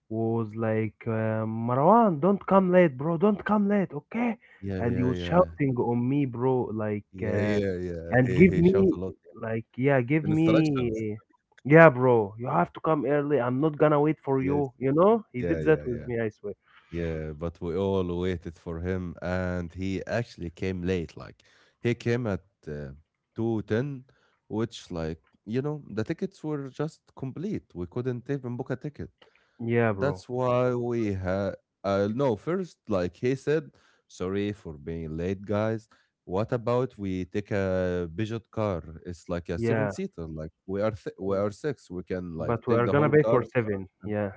was like, Marwan, don't come late, bro. Don't come late, okay?
yeah,
And he
yeah,
was
yeah,
shouting on me, bro, like,
yeah, yeah, yeah.
and
He
give
he shouts
me,
a lot.
like, yeah, give
Instructions.
me, yeah, bro, you have to come early. I'm not gonna wait for
Yes.
you, you know? He
Yeah,
did that
yeah,
with
yeah.
me, I swear.
Yeah, but we all waited for him, and he actually came late. Like he came at 2:10, which like you know the tickets were just complete. We couldn't even book a ticket.
Yeah, bro.
That's why we had. No, first like he said, sorry for being late, guys. What about we take a Peugeot car? It's like a seven
Yeah,
seater. Like we are we
yeah.
are six. We can like
But we
take
are
the
gonna
whole
pay
car.
for seven.
and-
Yeah,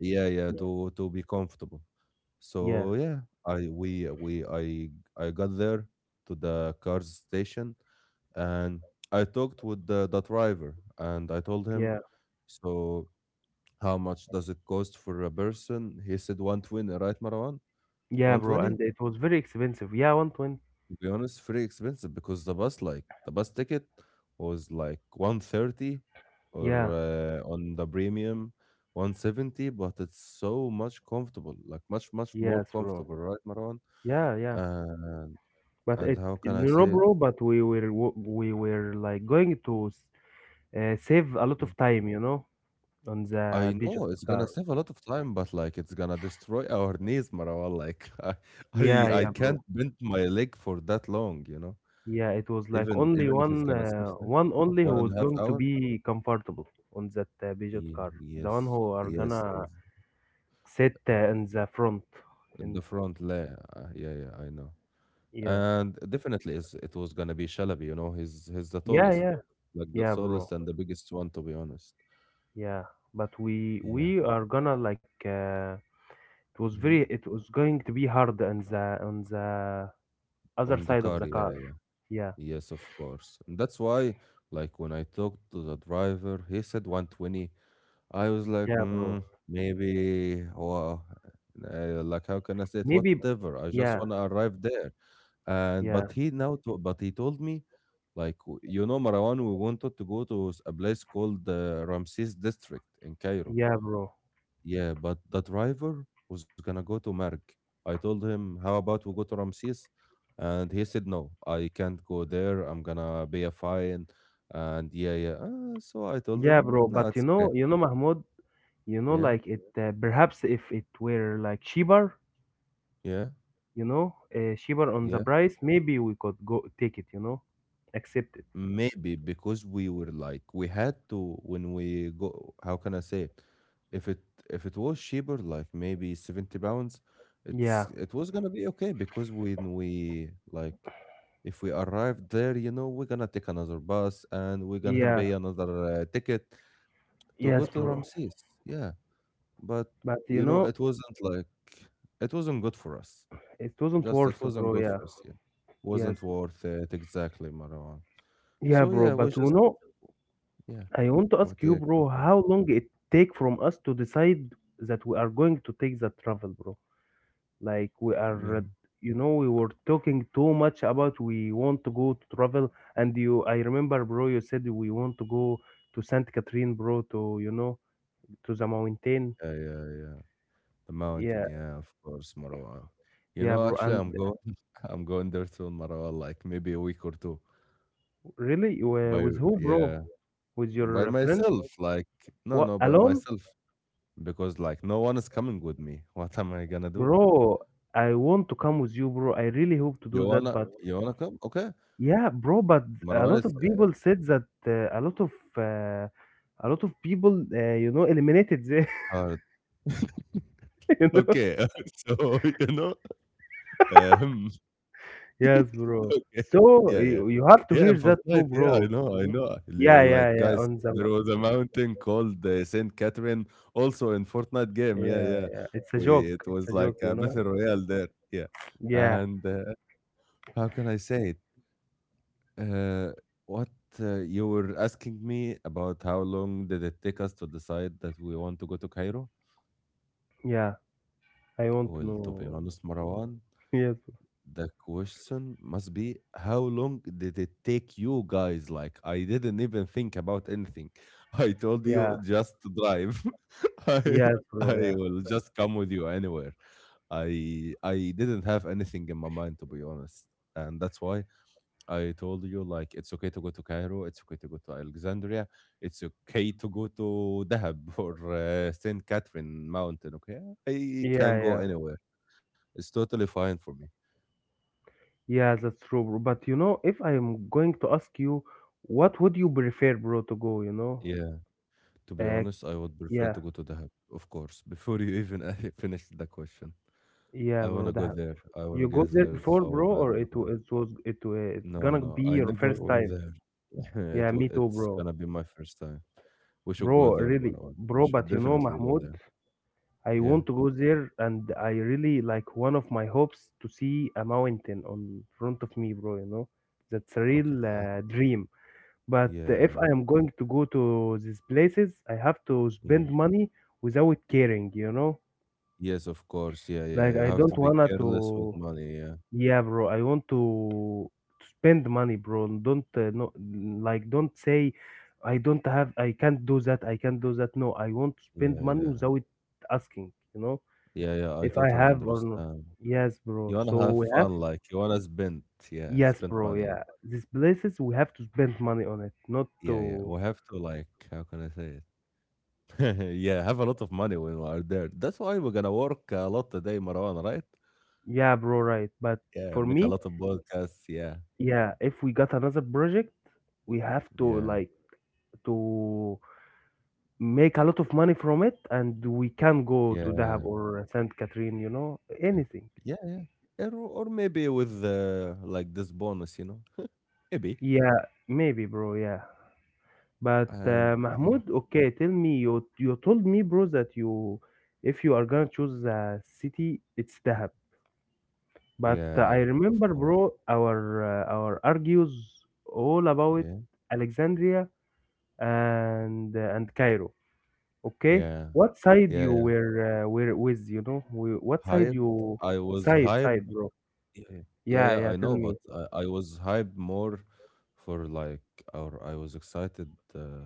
Yeah, yeah, to be comfortable.
yeah,
So yeah, I we I got there to the car station and I talked with the driver and I told him,
yeah,
so how much does it cost for a person? He said 120, right, Marwan?
yeah, bro.
120?
And it was very expensive. Yeah, 120.
To be honest, very expensive because the bus like the bus ticket was like 130 or
Yeah,
on the premium 170, but it's so much comfortable, like much
yes,
more
bro.
comfortable, right, Marwan?
Yeah, yeah.
And.
But
And
it,
how can I
no,
say
no,
it?
bro, but we were like going to save a lot of
Mm.
time, you know, on
I
the Bijan
know it's
car.
gonna save a lot of time, but like it's gonna destroy [laughs] our knees, Marwa. Like [laughs]
Yeah,
I
yeah, bro,
can't bend my leg for that long, you know.
yeah, it was like only
Even if
one
it's gonna
uh,
save time,
one only who
one and
was
a half
going to
hour.
be comfortable on that Peugeot
Yeah,
car, the one
yes,
who are
yes.
gonna sit
Uh,
in the front,
In the
in fr-
front layer. Yeah, yeah, I know.
yeah,
And definitely, is it was gonna be Shalabi. You know, he's the
yeah,
tallest,
yeah,
like the
yeah, bro,
tallest and the biggest one, to be honest.
yeah, but we
Yeah.
we are gonna like it was very,
Hmm.
it was going to be hard on the other
On the
side of
car,
the
yeah,
car.
yeah.
Yeah.
Yes, of course. And that's why, like, when I talked to the driver, he said 120. I was like,
Yeah, bro.
maybe, or like, how can I say it?
Maybe.
Whatever. I just
Yeah.
want to arrive there. And
Yeah.
but he now, to, but he told me, like, you know, Marwan, we wanted to go to a place called the Ramses District in Cairo.
Yeah, bro.
Yeah, but the driver was gonna go to Merk. I told him, "How about we go to Ramses?" And he said, "No, I can't go there. I'm gonna pay a fine." And yeah, yeah. So I told
Yeah, bro.
him, "No,
But you
it's okay."
know, you know, Mahmoud, you know,
Yeah,
like it, perhaps if it were like cheaper,
yeah,
you know, cheaper on the
yeah.
price, maybe we could go take it, you know, accept it.
Maybe because we were like we had to when we go. How can I say it? If it if it was cheaper, like maybe 70 pounds,
Yeah.
it was gonna be okay because when we like if we arrive there, you know, we're gonna take another bus and we're gonna [laughs]
Yeah.
pay another ticket to go
Yes,
to
bro.
Ramses. Yeah, but
But you
you know,
know,
it wasn't like it wasn't good for us.
it wasn't
Just it
worth,
wasn't
bro.
good
Yeah.
for us. Yeah,
Yes.
wasn't worth it exactly, Marwan.
Yeah,
So
bro.
yeah, we
But you
just
know,
yeah,
I want to
we
ask you,
take-
bro, how long it take from us to decide that we are going to take the travel, bro? Like we
yeah,
are, you know, we were talking too much about we want to go to travel, and you, I remember, bro, you said we want to go to Saint Catherine, bro, to, you know, to the mountain.
yeah, yeah, yeah. The
Yeah,
mountain, yeah, of course, Marwan. You
yeah,
know,
bro,
actually,
and
I'm going, [laughs] I'm going there soon, Marwan. Like maybe a week or two.
really,
By
with who, bro?
yeah,
With
by
your friends?
myself, like no,
What,
no, by
alone,
myself because like no one is coming with me. [laughs] What am I gonna do?
bro? I want to come with you, bro. I really hope to do
You
that,
wanna,
but
you wanna come? Okay,
yeah, bro, but a
Marwan
lot
is
of
it's
people said that a lot of uh, people you know, eliminated there.
hard.
[laughs]
Okay, [laughs] so you know, um,
Yes,
[laughs]
bro.
okay,
So
yeah, yeah,
you have to
yeah. In
hear that
Fortnite,
too,
yeah, I
bro.
know,
You
I
know?
know.
Yeah, yeah,
Like
yeah.
guys,
On
there
the
was a mountain called Saint Catherine, also in Fortnite game. Yeah,
yeah,
yeah.
yeah. It's a
We
joke.
it
It's
was
a joke,
like
you
a
know.
battle royale there. Yeah,
Yeah,
and how can I say it? Uh, what you were asking me about how long did it take us to decide that we want to go to Cairo?
yeah. I want
Well,
to
to be
know. [laughs]
honest, Marwan,
Yes.
the question must be how long did it take you guys? Like, I didn't even think about anything. [laughs] I told
Yeah.
you just to drive. [laughs] I
Yes, bro.
I
Yeah.
will just come with you anywhere. I didn't have anything in my mind to be honest, and that's why I told you like it's okay to go to Cairo, it's okay to go to Alexandria, it's okay to go to Dahab [laughs] or Saint Catherine Mountain. Okay, I
Yeah,
can
yeah.
go anywhere. It's totally fine for me.
Yeah, that's true, bro. But you know, if I'm going to ask you, what would you prefer, bro, to go? You know.
Yeah, to be
Uh,
honest, I would prefer
yeah.
to go to Dahab, of course. Before you even [laughs] finish the question,
Yeah,
I
bro.
wanna go
That
there. I wanna
you go
get
there
there
before,
so
bro,
bad,
or it wa-
Marwan.
it was it wa- it's
No,
gonna
no,
be
I
your
never
first
went
time.
there. [laughs]
Yeah, me too,
It's
bro.
gonna be my first time. We should go
Bro,
there,
really,
Marwan. We
bro,
should
but you know,
definitely go
Mahmoud,
there.
I
Yeah.
want to go there and I really like one of my hopes to see a mountain on front of me, bro, you know. That's a
Okay.
real dream. But if
Yeah,
I am going to go to these places, I have to
yeah.
spend money without caring, you know.
Yes, of course. Yeah, yeah.
Like
You
I
have to
don't
be
wanna
careless with
to
money. Yeah,
yeah, bro. I want to spend money, bro. Don't no like don't say I don't have. I can't do that. I can't do that. No, I want to
yeah,
spend money
yeah.
without asking, you know,
Yeah, yeah. I
if I
totally
have or not.
understand.
Yes, bro.
You
So
wanna have
we have
fun, like you wanna spend. Yeah,
yes,
spend
bro.
money. Yeah,
Yeah. These places we have to spend money on it, not
yeah, yeah.
to
We have to like, how can I say it? [laughs] yeah, have a lot of money when we are there. That's why we're gonna work a lot today, Marwan. Right?
yeah, bro, right. But for
Yeah, make
me,
a lot of podcasts. Yeah,
yeah, if we got another project, we have to
yeah,
like to make a lot of money from it and we can go to Dahab
yeah.
or Saint Catherine, you know,
Okay.
anything.
Yeah, yeah. Or maybe with like this bonus, you know, [laughs] maybe.
Yeah, maybe, bro. Yeah, but
And yeah.
Mahmoud, okay, tell me, you told me, bro, that you if you are gonna choose a city, it's Dahab. But I
Yeah, of
remember,
course.
bro, our argues all about
Yeah,
Alexandria and Cairo. Okay,
yeah,
what side
yeah,
you
yeah.
were with, you know, we, what side
Hyped.
you
I was
side,
hyped.
bro.
Yeah, yeah,
Yeah,
yeah, I
yeah, tell
know, but
me.
I was hyped more for like, or I was excited.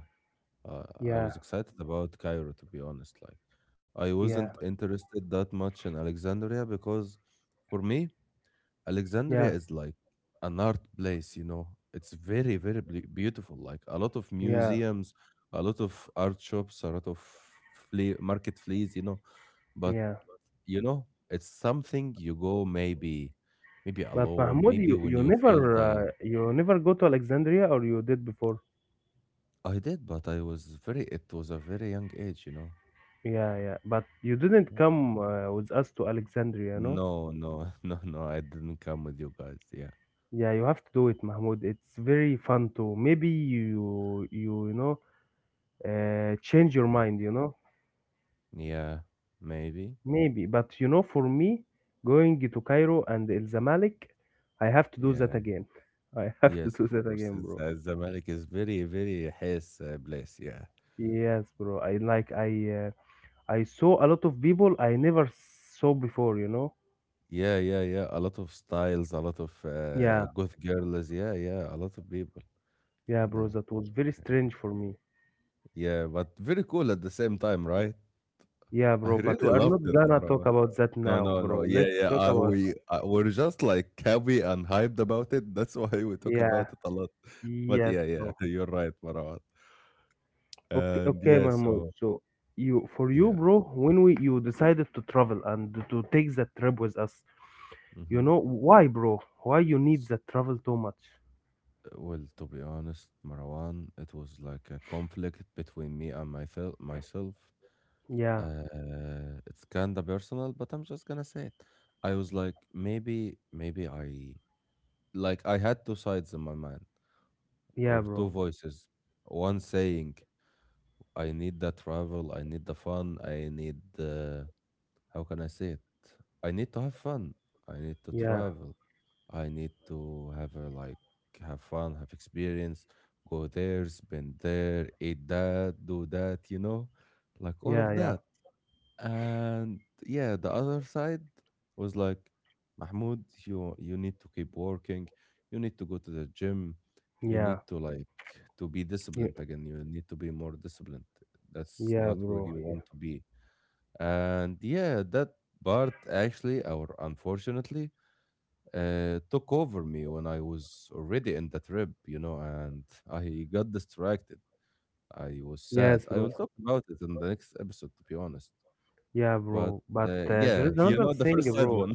I
Yeah,
was excited about Cairo, to be honest. Like, I
yeah,
wasn't interested that much in Alexandria because for me,
yeah,
Alexandria is like an art place, you know. It's very, very beautiful. Like a lot of
yeah,
museums, a lot of art shops, a lot of flea, market fleas, you know. But
yeah.
you know, it's something you go maybe, maybe
But
alone,
Mahmoud,
maybe
you,
when
you
you
never
feel the.
uh, you never go to Alexandria or you did before?
I did, but I was very. It was a very young age, you know.
Yeah, yeah. But you didn't
Yeah.
come with us to Alexandria, no?
No, no, [laughs] no, no. I didn't come with you guys. Yeah,
Yeah, you have to do it, Mahmoud. It's very fun too. Maybe you you, you know change your
Mm,
mind, you know?
yeah, maybe,
Maybe. But you know, for me, going to Cairo and El Zamalek, I have to do that
yeah.
again. [laughs] I have to
Yes,
do
of
that
course.
again, bro.
Zamalek is very, very his place. Yeah.
Yes, bro. I like I saw a lot of people I never saw before, you know?
Yeah, yeah, yeah. A lot of styles, a lot of
Yeah,
goth girls. Yeah, yeah. A lot of people.
yeah,
I
bro,
know.
that was very strange for me.
Yeah, but very cool at the same time, right?
Yeah,
I
bro, but
really
we are
loved
not
it,
gonna talk
Marwa.
about that
No,
now,
no,
bro.
no. Yeah,
Let's
yeah.
talk about
We're just like happy and hyped about it. That's [laughs] why we talk
yeah,
about it a lot. [laughs] But
yes,
yeah, yeah.
bro.
You're right, Marwa.
Okay,
And
okay,
yeah,
Mahmoud.
so
So you for you,
yeah.
bro, when we you decided to travel and to take that trip with us, you
Mm-hmm.
know why, bro? Why you need that travel too much?
Well, to be honest, Marwan, it was like a conflict between me and myself. Myself,
Yeah,
it's kinda personal, but I'm just gonna say it. I was like, maybe I like I had two sides in my mind
yeah,
or two
bro.
voices. One saying, I need the travel, I need the fun, I need the how can I say it? I need to have fun. I need to
Yeah,
travel. I need to have a like have fun, have experience, go there, spend there, eat that, do that, you know, like all
yeah,
of
yeah,
that. And yeah, the other side was like, Mahmoud, you need to keep working. You need to go to the gym. You
yeah,
need to like to be
yeah,
disciplined again. You need to be more disciplined. That's
yeah,
not where
bro.
you
Yeah,
want to be and yeah, that part actually, or unfortunately, took over me when I was already in the trip, you know, and I got distracted. I was sad.
yes,
I
bro.
will talk about it in the next episode, to be honest.
Yeah,
But
bro. But there
yeah,
is
[laughs] you
another
know, the
thing,
first sad
bro.
one.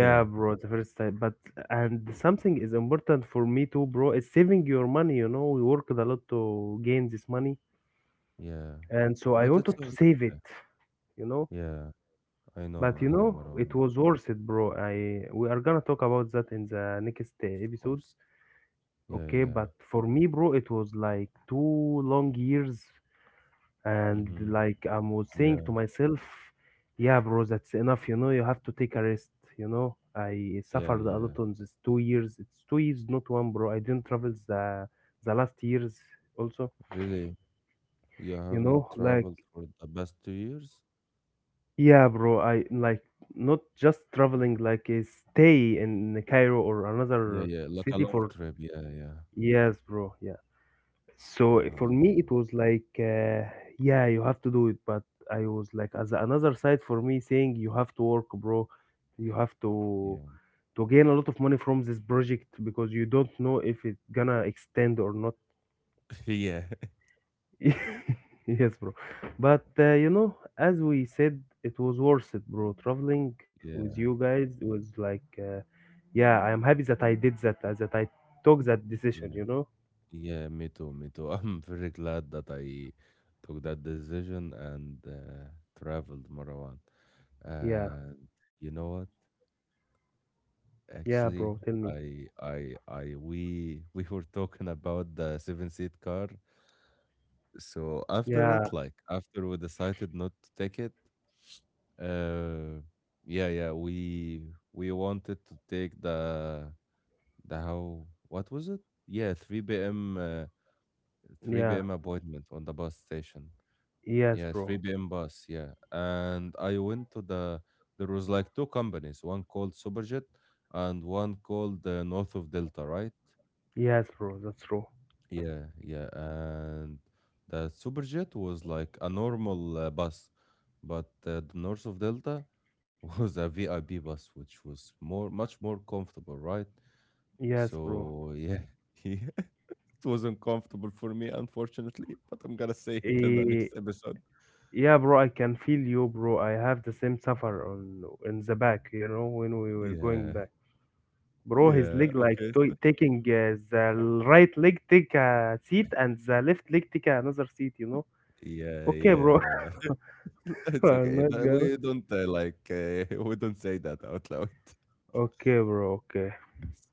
[laughs] yeah,
bro. The first time, but and something is important for me too, bro. Is saving your money. You know, we worked a lot to gain this money,
yeah.
and so I
But
wanted to
it's
save it.
okay.
You know,
Yeah,
but
I know,
it
Marwan,
was worth it, bro. I we are gonna talk about that in the next
of course.
episodes.
Yeah,
Okay,
yeah.
but for me, bro, it was like 2 long years and
Mm-hmm.
like I was saying to
Yeah,
myself, yeah, bro, that's enough. You know, you have to take a rest. You know, I
yeah,
suffered a
yeah.
lot on this 2 years. It's 2 years, not one, bro. I didn't travel the last years also.
Really? You
You
haven't
know, like
traveled for the past 2 years?
yeah, bro. I like not just traveling, like stay in Cairo or
Yeah,
another
yeah, like a
city
long
for
trip. Yeah, yeah,
years, bro. Yeah. So
yeah.
for
I
me,
know.
it was like, yeah, you have to do it. But I was like, as another side for me, saying you have to work, bro. You have to
Yeah,
to gain a lot of money from this project because you don't know if it's gonna extend or not.
[laughs] yeah,
[laughs] yes, bro. But you know, as we said, it was worth it, bro. Traveling with you
yeah,
guys was like, yeah, I am happy that I did that, that I took that decision.
yeah,
You know,
yeah. Me too, me too. [laughs] I'm very glad that I took that decision and traveled Marwan.
yeah,
And you know what?
yeah, bro.
Actually,
Tell me,
[laughs] we were talking about the seven-seat car. So after
yeah,
it, like after we decided not to take it, uh, yeah, yeah, we wanted to take the how what was it? Yeah, 3 p.m. 3
yeah.
p.m. appointment on the bus station.
Yes,
Yeah,
bro.
3 p.m. bus. Yeah, and I went to the there was like two companies, one called Superjet and one called North of Delta, right?
Yes, bro. That's true.
Yeah, yeah, and the Superjet was like a normal bus, but the North of Delta [laughs] was a VIP bus, which was more much more comfortable, right?
Yes, bro.
So yeah, [laughs] yeah, it was uncomfortable for me, unfortunately, [laughs] but I'm gonna say it in the
Eh,
next episode.
yeah, bro. I can feel you, bro. I have the same suffer on in the back. You know, when we were going
Yeah,
back, bro. His
yeah,
leg like
okay,
taking the right leg take a seat and the left leg take another seat. You know.
yeah,
Okay, bro.
yeah. [laughs]
[laughs]
It's
I'm
okay.
not
No,
gonna.
we don't like [laughs] we don't say that out loud.
Okay, bro. Okay.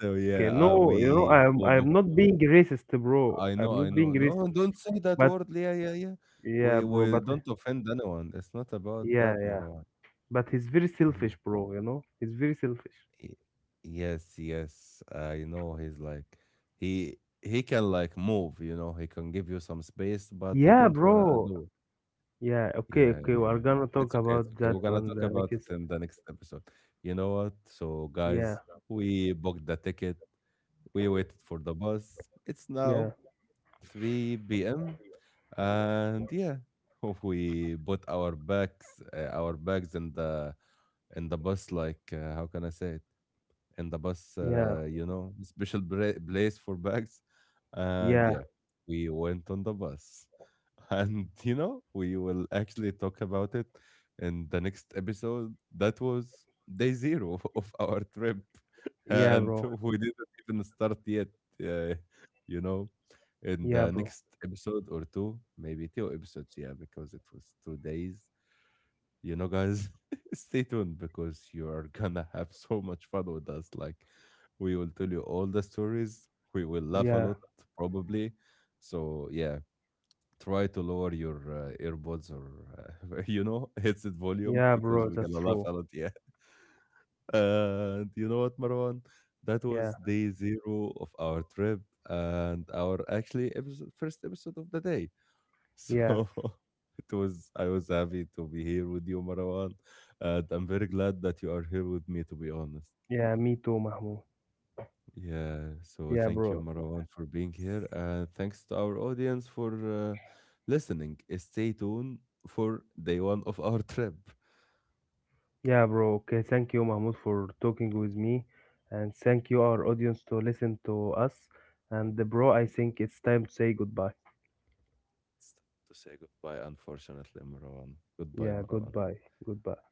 So yeah,
Okay. No, you know,
we
I'm
we
I'm
booked.
not being racist, bro.
I
I'm
know, I
not
know.
being racist,
No, don't say that
but
word. Yeah, yeah, yeah. We
yeah, bro.
we
But
don't offend anyone. It's not about that,
yeah, yeah.
Marwan.
But he's very
Mhm.
selfish, bro, you know? He's very selfish.
Y- Yes, yes. I know he's like he can like move, you know, he can give you some space, but he
Yeah,
don't wanna
bro.
do it.
Yeah, okay,
Yeah, yeah,
okay. We are
yeah.
gonna talk
It's okay, it's
about
okay.
that
We're gonna
on
talk
the
about it
next.
in the next episode. You know what? So
Yeah,
guys, we booked the ticket. We waited for the bus. It's
yeah,
now 3 p.m. And yeah, [laughs] we put our bags in the bus. Like how can I say it? In the bus,
yeah,
you know, [laughs] special place for bags. And
yeah,
yeah, we went on the bus. [laughs] And you know, we will actually talk about it in the next episode. That was day zero [laughs] of our trip, [laughs]
yeah,
and
bro.
we didn't even start yet. Uh, you know, in
Yeah,
the
bro.
next episode or two, maybe two episodes, yeah, because it was 2 days. You know, guys, [laughs] stay tuned because you are gonna have so much fun with us. Like, we will tell you all the stories. We will laugh a
Yeah,
lot, probably. So, yeah, try to lower your earbuds or, [laughs] you know, headset volume
yeah,
because
bro.
we're
That's
gonna laugh
true.
a lot. Yeah. And you know what, Marwan? That
Yeah,
was day zero of our trip and our actually episode, first episode of the day.
yes.
So [laughs] it was, I was happy to be here with you, Marwan. And I'm very glad that you are here with me, to be honest.
Yeah, me too, Mahmoud.
Yeah. So
Yeah,
thank you,
bro.
Marwan, for being here. And thanks to our audience for listening. Stay tuned for day one of our [laughs] trip.
Yeah, bro. Okay, thank you, Mahmoud, for talking with me, and thank you, our audience, to listen to us. And, bro, I think it's time to say goodbye.
To say goodbye, unfortunately, Marwan. Goodbye,
Yeah,
Marwan.
goodbye. Goodbye.